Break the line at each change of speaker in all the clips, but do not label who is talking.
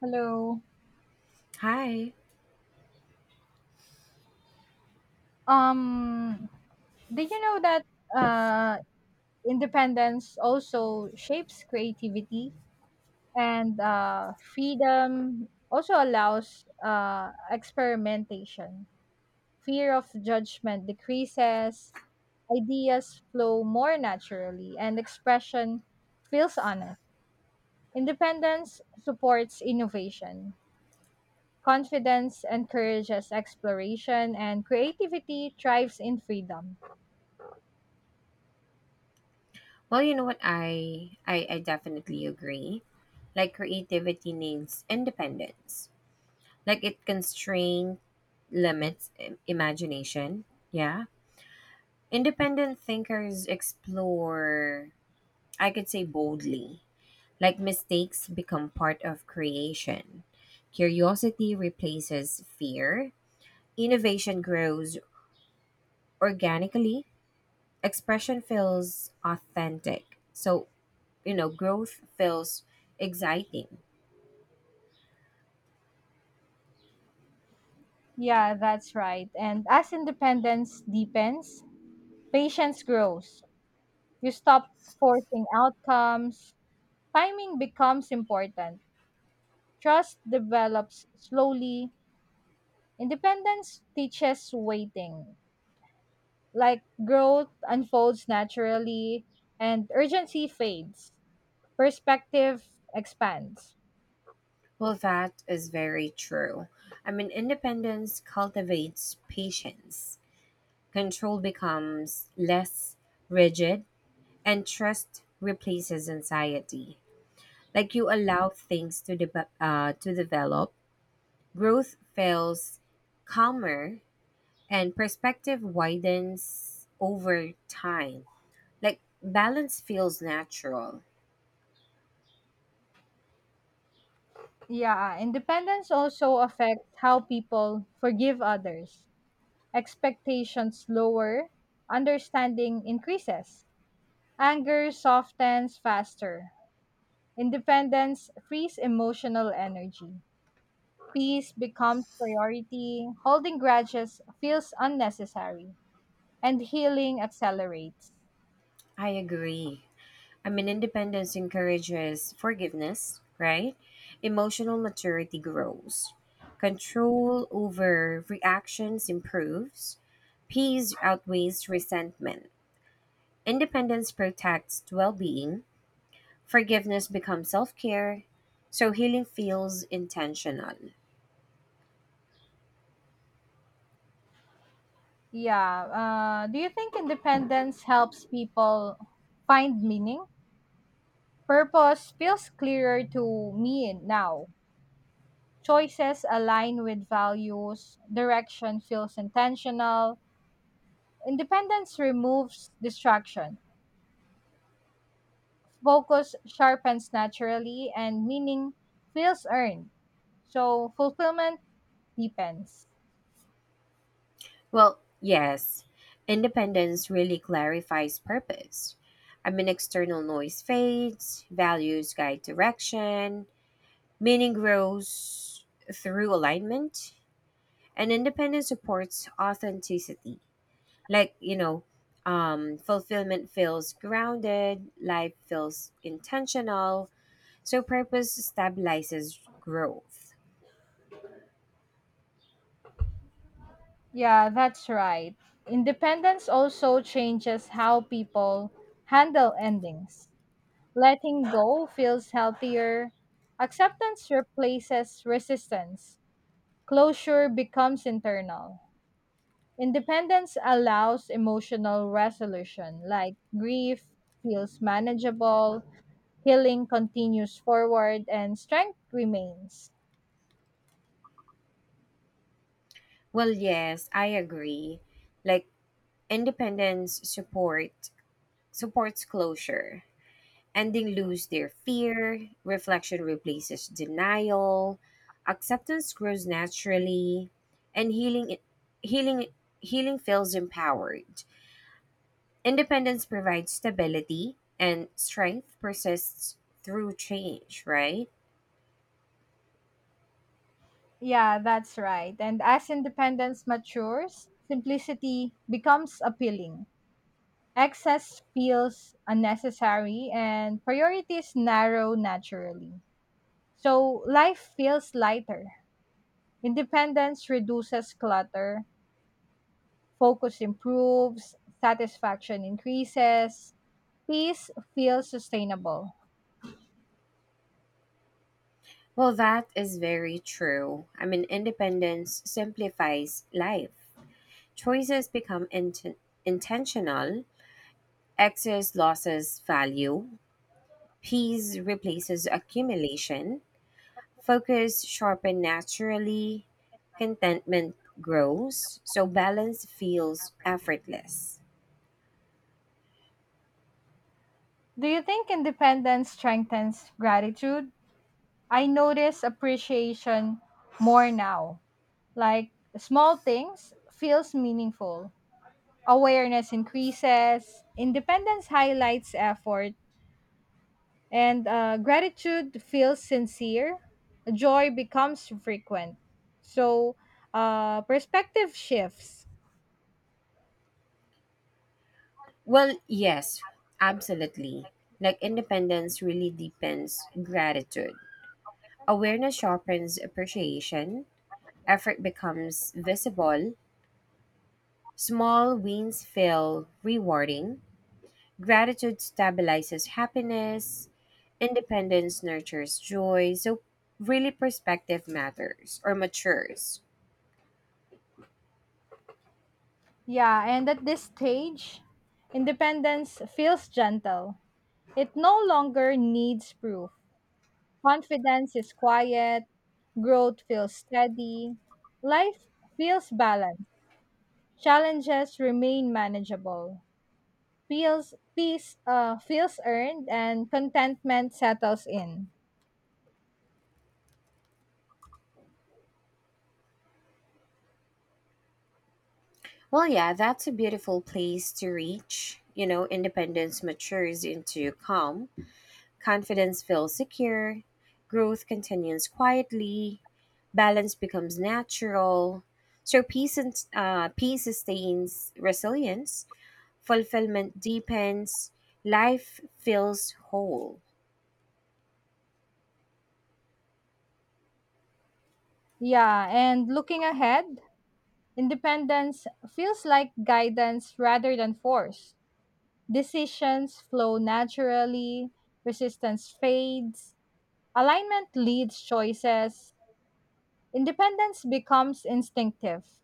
Hello.
Hi.
Um, did you know that independence also shapes creativity and freedom also allows experimentation. Fear of judgment decreases, ideas flow more naturally, and expression feels honest. Independence supports innovation. Confidence encourages exploration, and creativity thrives in freedom.
Well, you know what? I definitely agree. Like creativity needs independence. Like it constrains limits imagination. Yeah. Independent thinkers explore, I could say boldly. Like mistakes become part of creation. Curiosity replaces fear. Innovation grows organically. Expression feels authentic. So growth feels exciting.
Yeah, that's right. And as independence deepens, patience grows. You stop forcing outcomes. Timing becomes important. Trust develops slowly. Independence teaches waiting. Like growth unfolds naturally and urgency fades. Perspective expands.
Well, that is very true. I mean, independence cultivates patience. Control becomes less rigid, and trust replaces anxiety. Like you allow things to to develop. Growth feels calmer, and perspective widens over time. Like balance feels natural.
Yeah, independence also affects how people forgive others. Expectations lower, understanding increases, anger softens faster, independence frees emotional energy, peace becomes priority, holding grudges feels unnecessary, and healing accelerates.
I agree. I mean, independence encourages forgiveness, right? Emotional maturity grows. Control over reactions improves. Peace outweighs resentment. Independence protects well being. Forgiveness becomes self care. So healing feels intentional.
Yeah, do you think independence helps people find meaning? Purpose feels clearer to me now. Choices align with values, direction feels intentional, independence removes distraction, focus sharpens naturally, and meaning feels earned. So fulfillment depends.
Well, yes, independence really clarifies purpose. I mean, external noise fades, values guide direction. Meaning grows through alignment, and independence supports authenticity. Like, fulfillment feels grounded, life feels intentional, so purpose stabilizes growth.
Yeah, that's right. Independence also changes how people handle endings. Letting go feels healthier. Acceptance replaces resistance. Closure becomes internal. Independence allows emotional resolution, like grief feels manageable, healing continues forward, and strength remains.
Well, yes, I agree. Like, independence supports closure. Ending lose their fear, reflection replaces denial, acceptance grows naturally, and healing healing feels empowered. Independence provides stability, and strength persists through change, right?
Yeah, that's right. And as independence matures, simplicity becomes appealing. Excess feels unnecessary, and priorities narrow naturally. So life feels lighter. Independence reduces clutter, focus improves, satisfaction increases, peace feels sustainable.
Well, that is very true. I mean, independence simplifies life. Choices become intentional. Excess losses value, peace replaces accumulation. Focus sharpen naturally, contentment grows, so balance feels effortless.
Do you think independence strengthens gratitude? I notice appreciation more now. Like small things feels meaningful. Awareness increases, independence highlights effort, and gratitude feels sincere. Joy becomes frequent. So, perspective shifts.
Well, yes, absolutely. Like independence really deepens gratitude. Awareness sharpens appreciation, effort becomes visible, small wins feel rewarding, gratitude stabilizes happiness, independence nurtures joy. So, really, perspective matters or matures.
Yeah, and at this stage, independence feels gentle. It no longer needs proof. Confidence is quiet, growth feels steady, life feels balanced, challenges remain manageable. Feels, peace feels earned, and contentment settles in.
Well, yeah, that's a beautiful place to reach. You know, independence matures into calm, confidence feels secure, growth continues quietly, balance becomes natural. So peace sustains resilience, fulfillment deepens, life feels whole.
Yeah, and looking ahead, independence feels like guidance rather than force. Decisions flow naturally, resistance fades, alignment leads choices, independence becomes instinctive.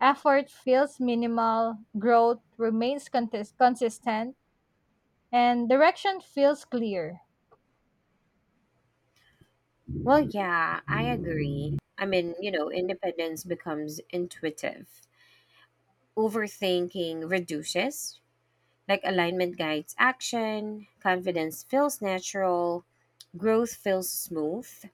Effort feels minimal, growth remains consistent, and direction feels clear.
Well, yeah, I agree. I mean, you know, independence becomes intuitive. Overthinking reduces. Like alignment guides action, confidence feels natural, growth feels smooth,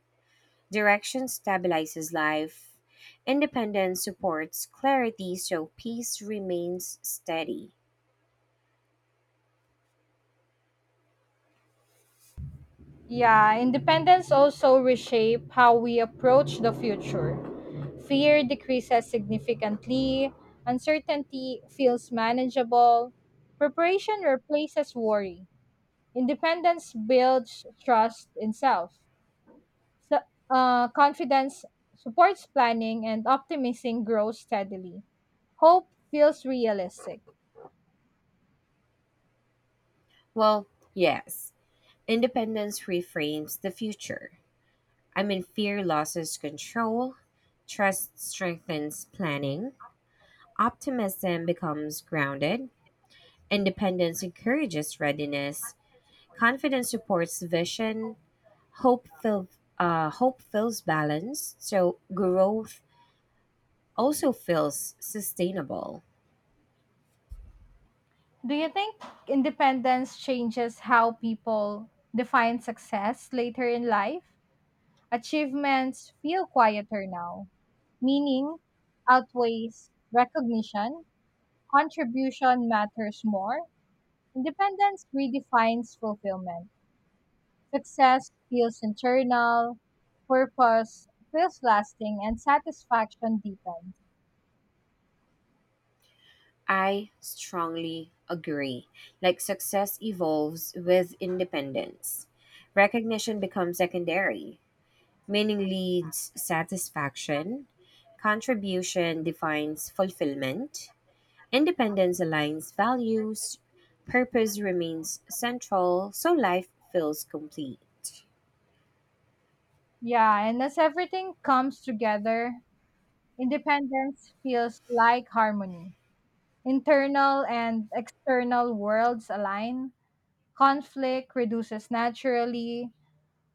direction stabilizes life, independence supports clarity, so peace remains steady.
Yeah, independence also reshape how we approach the future. Fear decreases significantly, uncertainty feels manageable, preparation replaces worry, independence builds trust in self. So- Confidence supports planning, and optimism grows steadily. Hope feels realistic.
Well, yes, independence reframes the future. I mean, fear loses control, trust strengthens planning, optimism becomes grounded, independence encourages readiness, confidence supports vision, hope fill, hope feels balanced, so growth also feels sustainable.
Do you think independence changes how people define success later in life? Achievements feel quieter now, meaning outweighs recognition, contribution matters more. Independence redefines fulfillment. Success feels internal, purpose feels lasting, and satisfaction deepens.
I strongly agree. Like success evolves with independence. Recognition becomes secondary, meaning leads satisfaction, contribution defines fulfillment, independence aligns values, purpose remains central, so life feels complete.
Yeah, and as everything comes together, independence feels like harmony. Internal and external worlds align, conflict reduces naturally,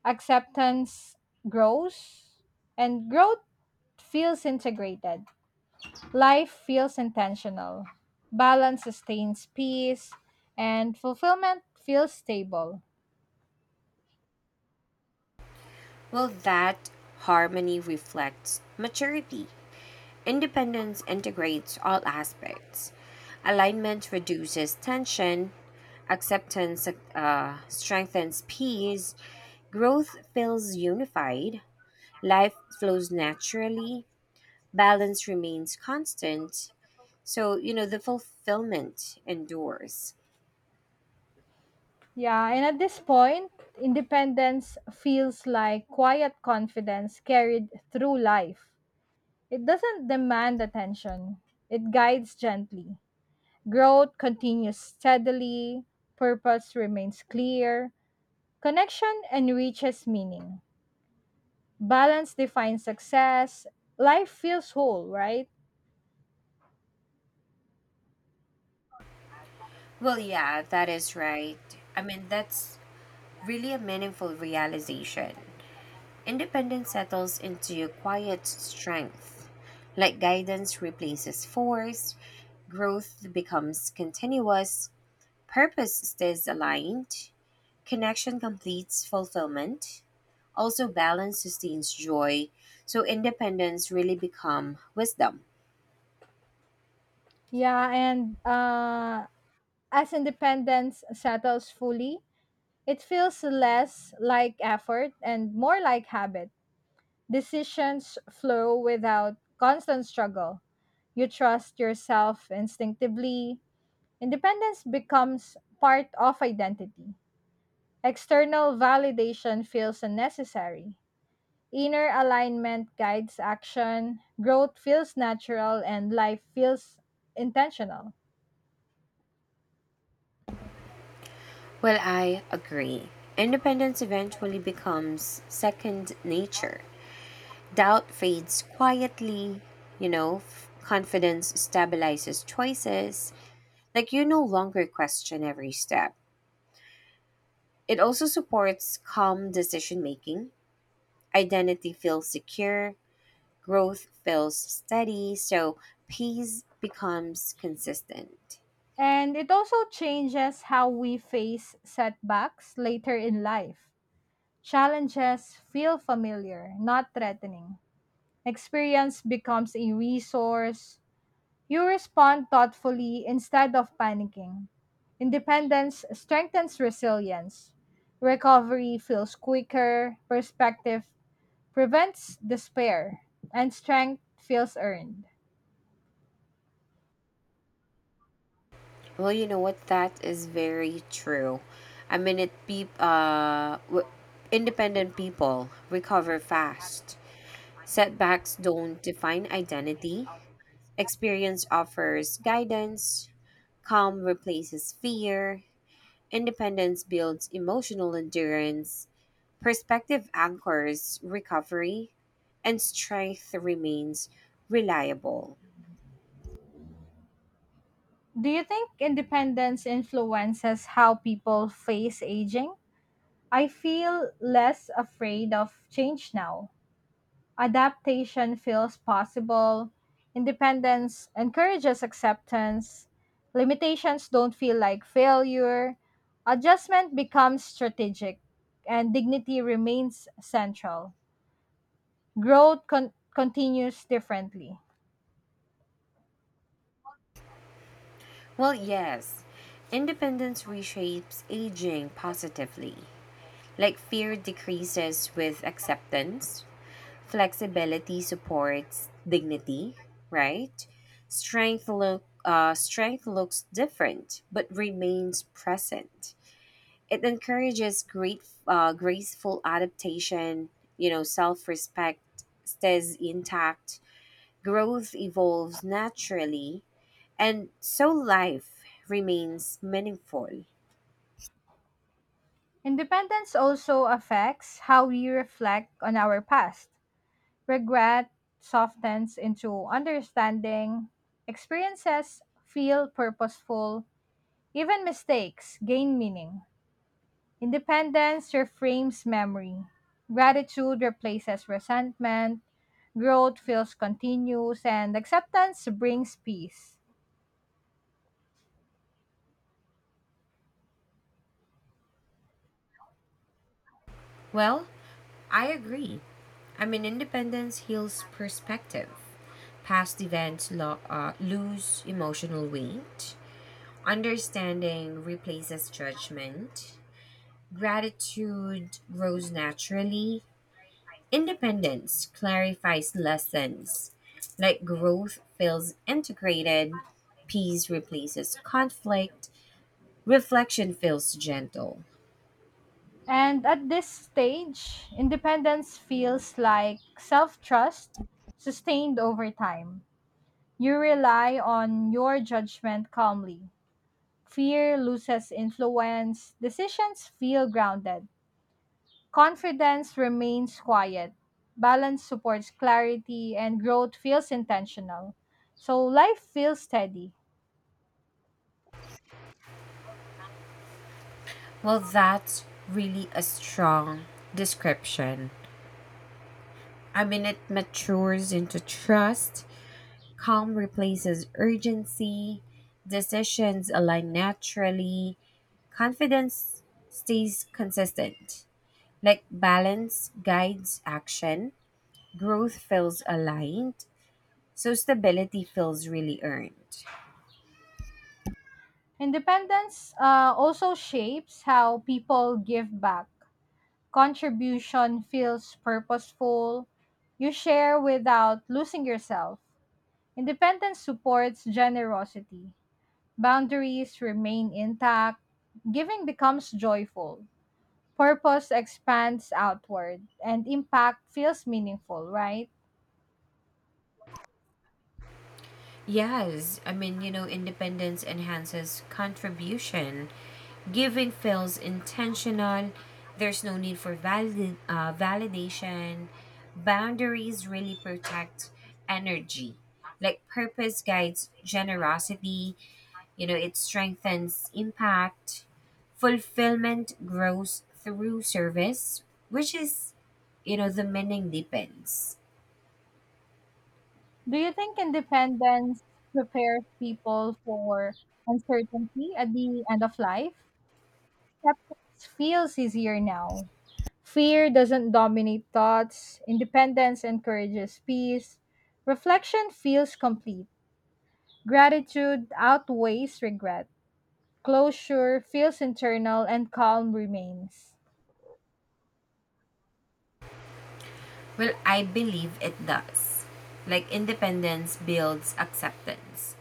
acceptance grows, and growth feels integrated. Life feels intentional, balance sustains peace, and fulfillment feels stable.
Well, that harmony reflects maturity. Independence integrates all aspects. Alignment reduces tension. Acceptance strengthens peace. Growth feels unified. Life flows naturally. Balance remains constant. So, you know, the fulfillment endures.
Yeah, and at this point, independence feels like quiet confidence carried through life. It doesn't demand attention, it guides gently. Growth continues steadily, purpose remains clear, connection enriches meaning. Balance defines success. Life feels whole, right?
Well, yeah, that is right. I mean, that's really a meaningful realization. Independence settles into quiet strength. Like guidance replaces force, growth becomes continuous, purpose stays aligned, connection completes fulfillment. Also, balance sustains joy, so independence really become wisdom.
Yeah, and as independence settles fully, it feels less like effort and more like habit. Decisions flow without constant struggle. You trust yourself instinctively. Independence becomes part of identity. External validation feels unnecessary. Inner alignment guides action. Growth feels natural and life feels intentional.
Well, I agree. Independence eventually becomes second nature. Doubt fades quietly, you know, confidence stabilizes choices. Like you no longer question every step. It also supports calm decision making. Identity feels secure, growth feels steady, so peace becomes consistent.
And it also changes how we face setbacks later in life. Challenges feel familiar, not threatening. Experience becomes a resource. You respond thoughtfully instead of panicking. Independence strengthens resilience. Recovery feels quicker. Perspective prevents despair. And strength feels earned.
Well, you know what? That is very true. I mean, independent people recover fast. Setbacks don't define identity. Experience offers guidance, calm replaces fear, independence builds emotional endurance, perspective anchors recovery, and strength remains reliable.
Do you think independence influences how people face aging? I feel less afraid of change now. Adaptation feels possible. Independence encourages acceptance. Limitations don't feel like failure. Adjustment becomes strategic, and dignity remains central. Growth continues differently.
Well, yes, independence reshapes aging positively. Like fear decreases with acceptance, flexibility supports dignity, right? Strength looks different but remains present. It encourages great graceful adaptation. You know, self respect stays intact. Growth evolves naturally, and so life remains meaningful.
Independence also affects how we reflect on our past. Regret softens into understanding. Experiences feel purposeful. Even mistakes gain meaning. Independence reframes memory. Gratitude replaces resentment. Growth feels continuous, and acceptance brings peace.
Well, I agree. I mean, independence heals perspective. Past events lose emotional weight. Understanding replaces judgment. Gratitude grows naturally. Independence clarifies lessons. Like growth feels integrated. Peace replaces conflict. Reflection feels gentle.
And at this stage, independence feels like self trust sustained over time. You rely on your judgment calmly. Fear loses influence, decisions feel grounded, confidence remains quiet, balance supports clarity, and growth feels intentional. So life feels steady.
Well, that's really a strong description. I mean, it matures into trust, calm replaces urgency, decisions align naturally, confidence stays consistent. Like balance guides action, growth feels aligned, so stability feels really earned.
Independence also shapes how people give back. Contribution feels purposeful. You share without losing yourself. Independence supports generosity. Boundaries remain intact. Giving becomes joyful. Purpose expands outward and impact feels meaningful, right?
Yes, I mean, you know, independence enhances contribution. Giving feels intentional. There's no need for validation. Boundaries really protect energy. Like purpose guides generosity. You know, it strengthens impact. Fulfillment grows through service, which is, you know, the meaning depends.
Do you think independence prepares people for uncertainty at the end of life? Acceptance feels easier now. Fear doesn't dominate thoughts, independence encourages peace, reflection feels complete, gratitude outweighs regret, closure feels internal, and calm remains.
Well, I believe it does. Like independence builds acceptance,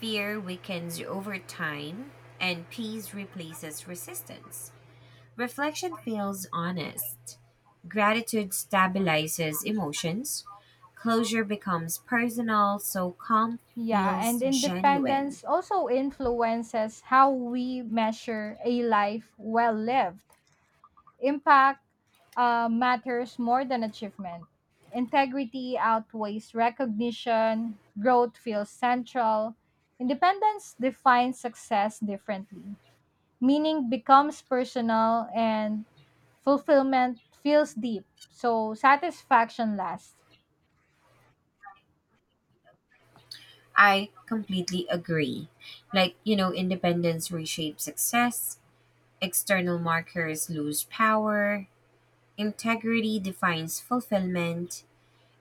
fear weakens you over time, and peace replaces resistance. Reflection feels honest. Gratitude stabilizes emotions. Closure becomes personal, so calm
Yeah, and
feels genuine.
independence also influences how we measure a life well lived. Impact matters more than achievement. Integrity outweighs recognition. Growth feels central. Independence defines success differently. Meaning becomes personal and fulfillment feels deep. So satisfaction lasts.
I completely agree. Like, you know, independence reshapes success, external markers lose power, integrity defines fulfillment,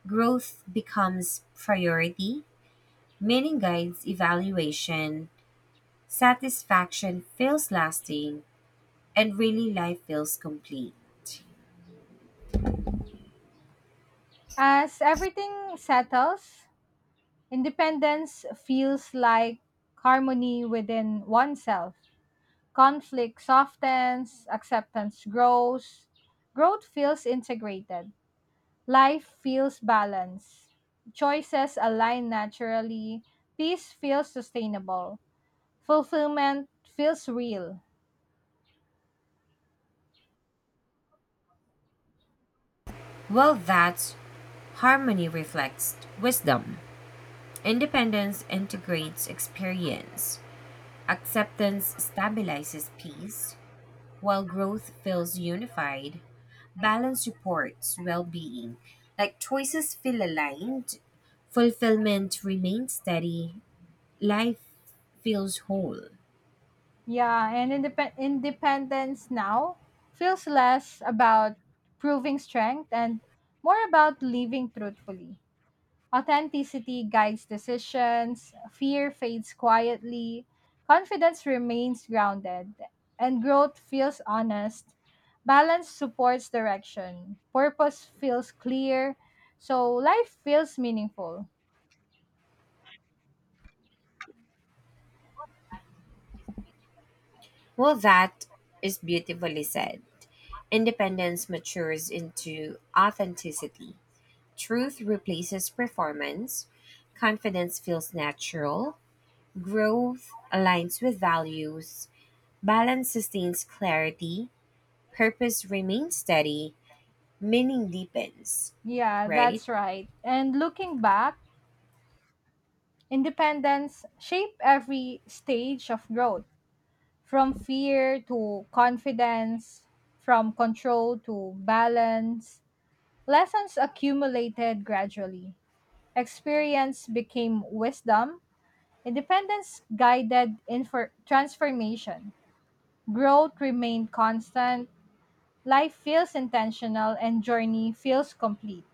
growth becomes priority, meaning guides evaluation, satisfaction feels lasting, and really life feels complete.
As everything settles, independence feels like harmony within oneself. Conflict softens, acceptance grows, growth feels integrated, life feels balanced, choices align naturally, peace feels sustainable, fulfillment feels real.
Well, that's harmony reflects wisdom. Independence integrates experience. Acceptance stabilizes peace. While growth feels unified, balance supports well being. Like choices feel aligned, fulfillment remains steady, life feels whole.
Yeah, and independence now feels less about proving strength and more about living truthfully. Authenticity guides decisions, fear fades quietly, confidence remains grounded, and growth feels honest. Balance supports direction, purpose feels clear, so life feels meaningful.
Well, that is beautifully said. Independence matures into authenticity. Truth replaces performance. Confidence feels natural. Growth aligns with values. Balance sustains clarity. Purpose remains steady. Meaning depends,
Yeah,
right?
that's right. And looking back, independence shaped every stage of growth, from fear to confidence, from control to balance. Lessons accumulated gradually. Experience became wisdom. Independence guided transformation. Growth remained constant. Life feels intentional and journey feels complete.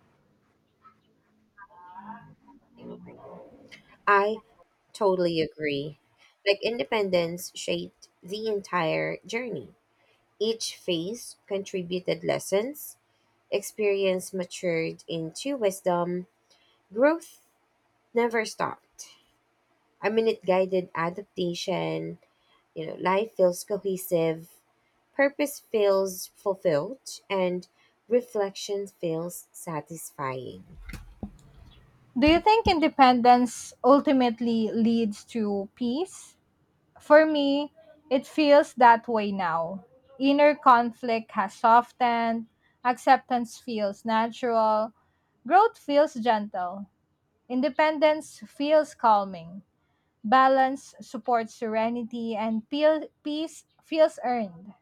I totally agree. Like independence shaped the entire journey. Each phase contributed lessons, experience matured into wisdom, growth never stopped. I mean, it guided adaptation, you know, life feels cohesive, purpose feels fulfilled, and reflection feels satisfying.
Do you think independence ultimately leads to peace? For me, it feels that way now. Inner conflict has softened. Acceptance feels natural. Growth feels gentle. Independence feels calming. Balance supports serenity, and peace feels earned.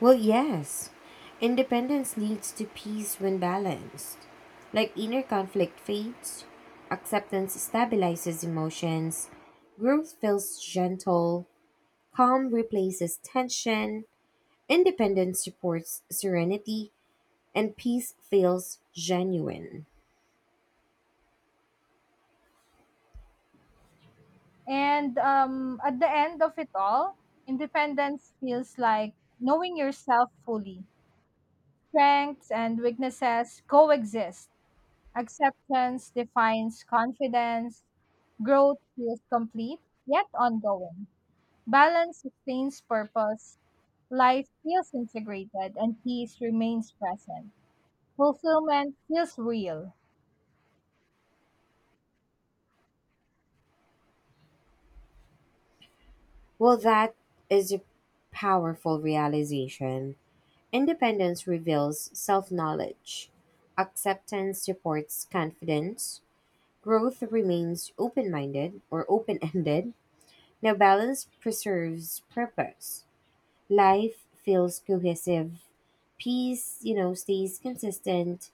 Well, yes. Independence leads to peace when balanced. Like inner conflict fades, acceptance stabilizes emotions, growth feels gentle, calm replaces tension, independence supports serenity, and peace feels genuine.
And at the end of it all, independence feels like knowing yourself fully. Strengths and weaknesses coexist. Acceptance defines confidence. Growth feels complete, yet ongoing. Balance sustains purpose. Life feels integrated, and peace remains present. Fulfillment feels real.
Well, that is a powerful realization. Independence reveals self knowledge, acceptance supports confidence. Growth remains open minded or open ended. Now, balance preserves purpose. Life feels cohesive. Peace, you know, stays consistent.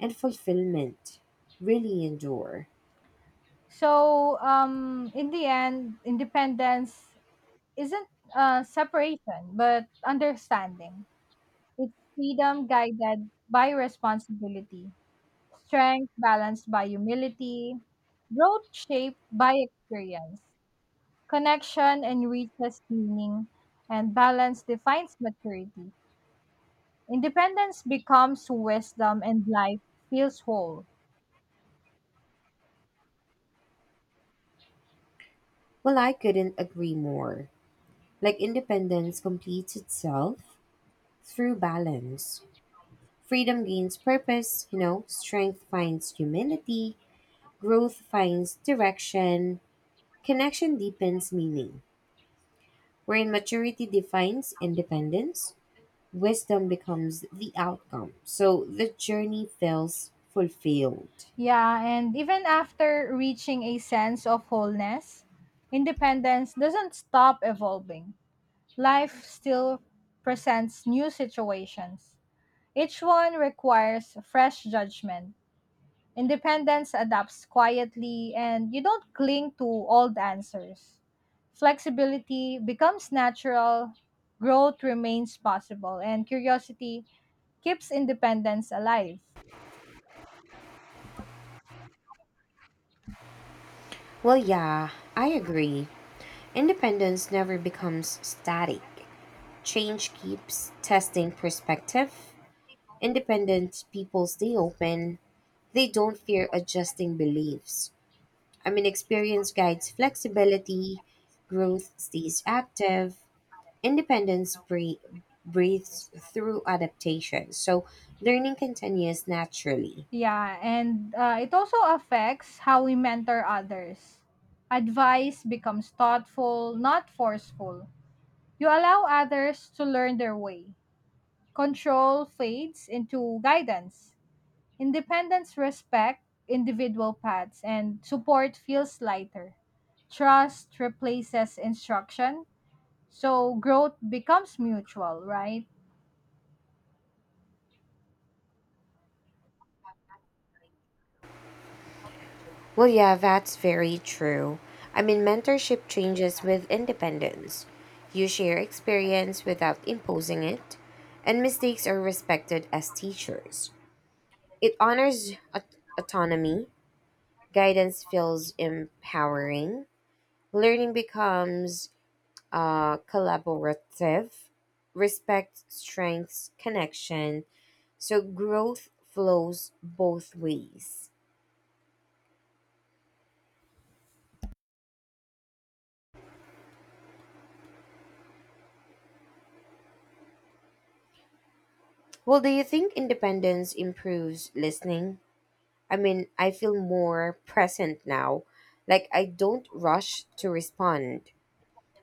And fulfillment really endure.
So, in the end, independence isn't separation, but understanding. It's freedom guided by responsibility, strength balanced by humility, growth shaped by experience, connection enriches meaning, and balance defines maturity. Independence becomes wisdom, and life feels whole.
Well, I couldn't agree more. Like, independence completes itself through balance. Freedom gains purpose, you know, strength finds humility, growth finds direction, connection deepens meaning. Wherein maturity defines independence, wisdom becomes the outcome. So the journey feels fulfilled.
Yeah, and even after reaching a sense of wholeness, independence doesn't stop evolving. Life still presents new situations. Each one requires fresh judgment. Independence adapts quietly, and you don't cling to old answers. Flexibility becomes natural, growth remains possible, and curiosity keeps independence alive.
Well, yeah, I agree. Independence never becomes static. Change keeps testing perspective. Independent people stay open. They don't fear adjusting beliefs. I mean, experience guides flexibility, growth stays active. Independence breathes through adaptation, so learning continues naturally.
Yeah, and it also affects how we mentor others. Advice becomes thoughtful, not forceful. You allow others to learn their way. Control fades into guidance. Independence respect individual paths, and support feels lighter. Trust replaces instruction, so growth becomes mutual, right?
Well, yeah, that's very true. I mean, mentorship changes with independence. You share experience without imposing it, and mistakes are respected as teachers. It honors autonomy, guidance feels empowering, learning becomes collaborative, respect strengths connection, so growth flows both ways. Well, do you think independence improves listening? I mean, I feel more present now. Like, I don't rush to respond.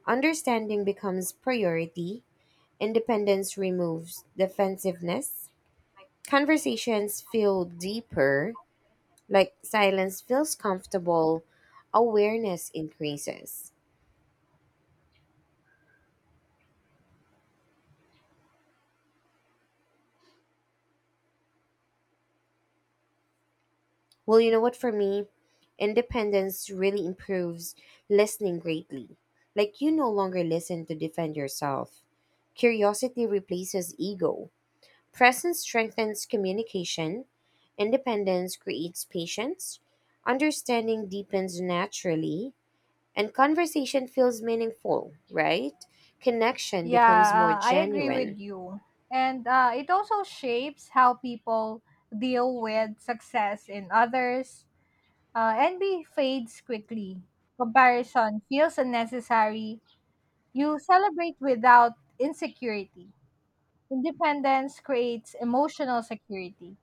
Understanding becomes priority. Independence removes defensiveness. Conversations feel deeper. Like, silence feels comfortable. Awareness increases. Well, you know what, for me, independence really improves listening greatly. Like, you no longer listen to defend yourself. Curiosity replaces ego. Presence strengthens communication. Independence creates patience. Understanding deepens naturally. And conversation feels meaningful, right? Connection
Yeah,
becomes more
I agree with
genuine.
you. And it also shapes how people deal with success in others. Envy fades quickly. Comparison feels unnecessary. You celebrate without insecurity. Independence creates emotional security.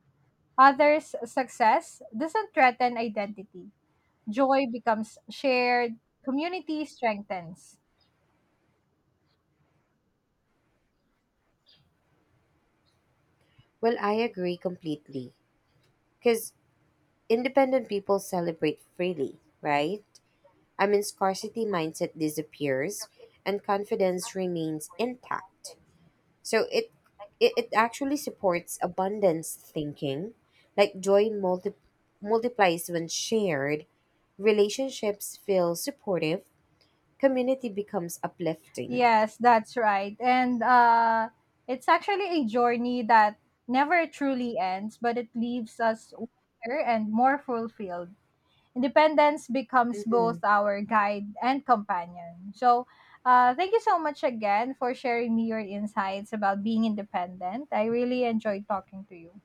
Others' success doesn't threaten identity. Joy becomes shared. Community strengthens.
Well, I agree completely. Because independent people celebrate freely, right? I mean, scarcity mindset disappears, and confidence remains intact. So it actually supports abundance thinking, like joy multiplies when shared, relationships feel supportive, community becomes uplifting.
Yes, that's right. And it's actually a journey that never truly ends, but it leaves us wiser and more fulfilled. Independence becomes both
Hmm.
our guide and companion. So, thank you so much again for sharing me your insights about being independent. I really enjoyed talking to you.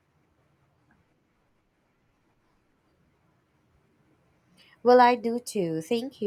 Well, I do too. Thank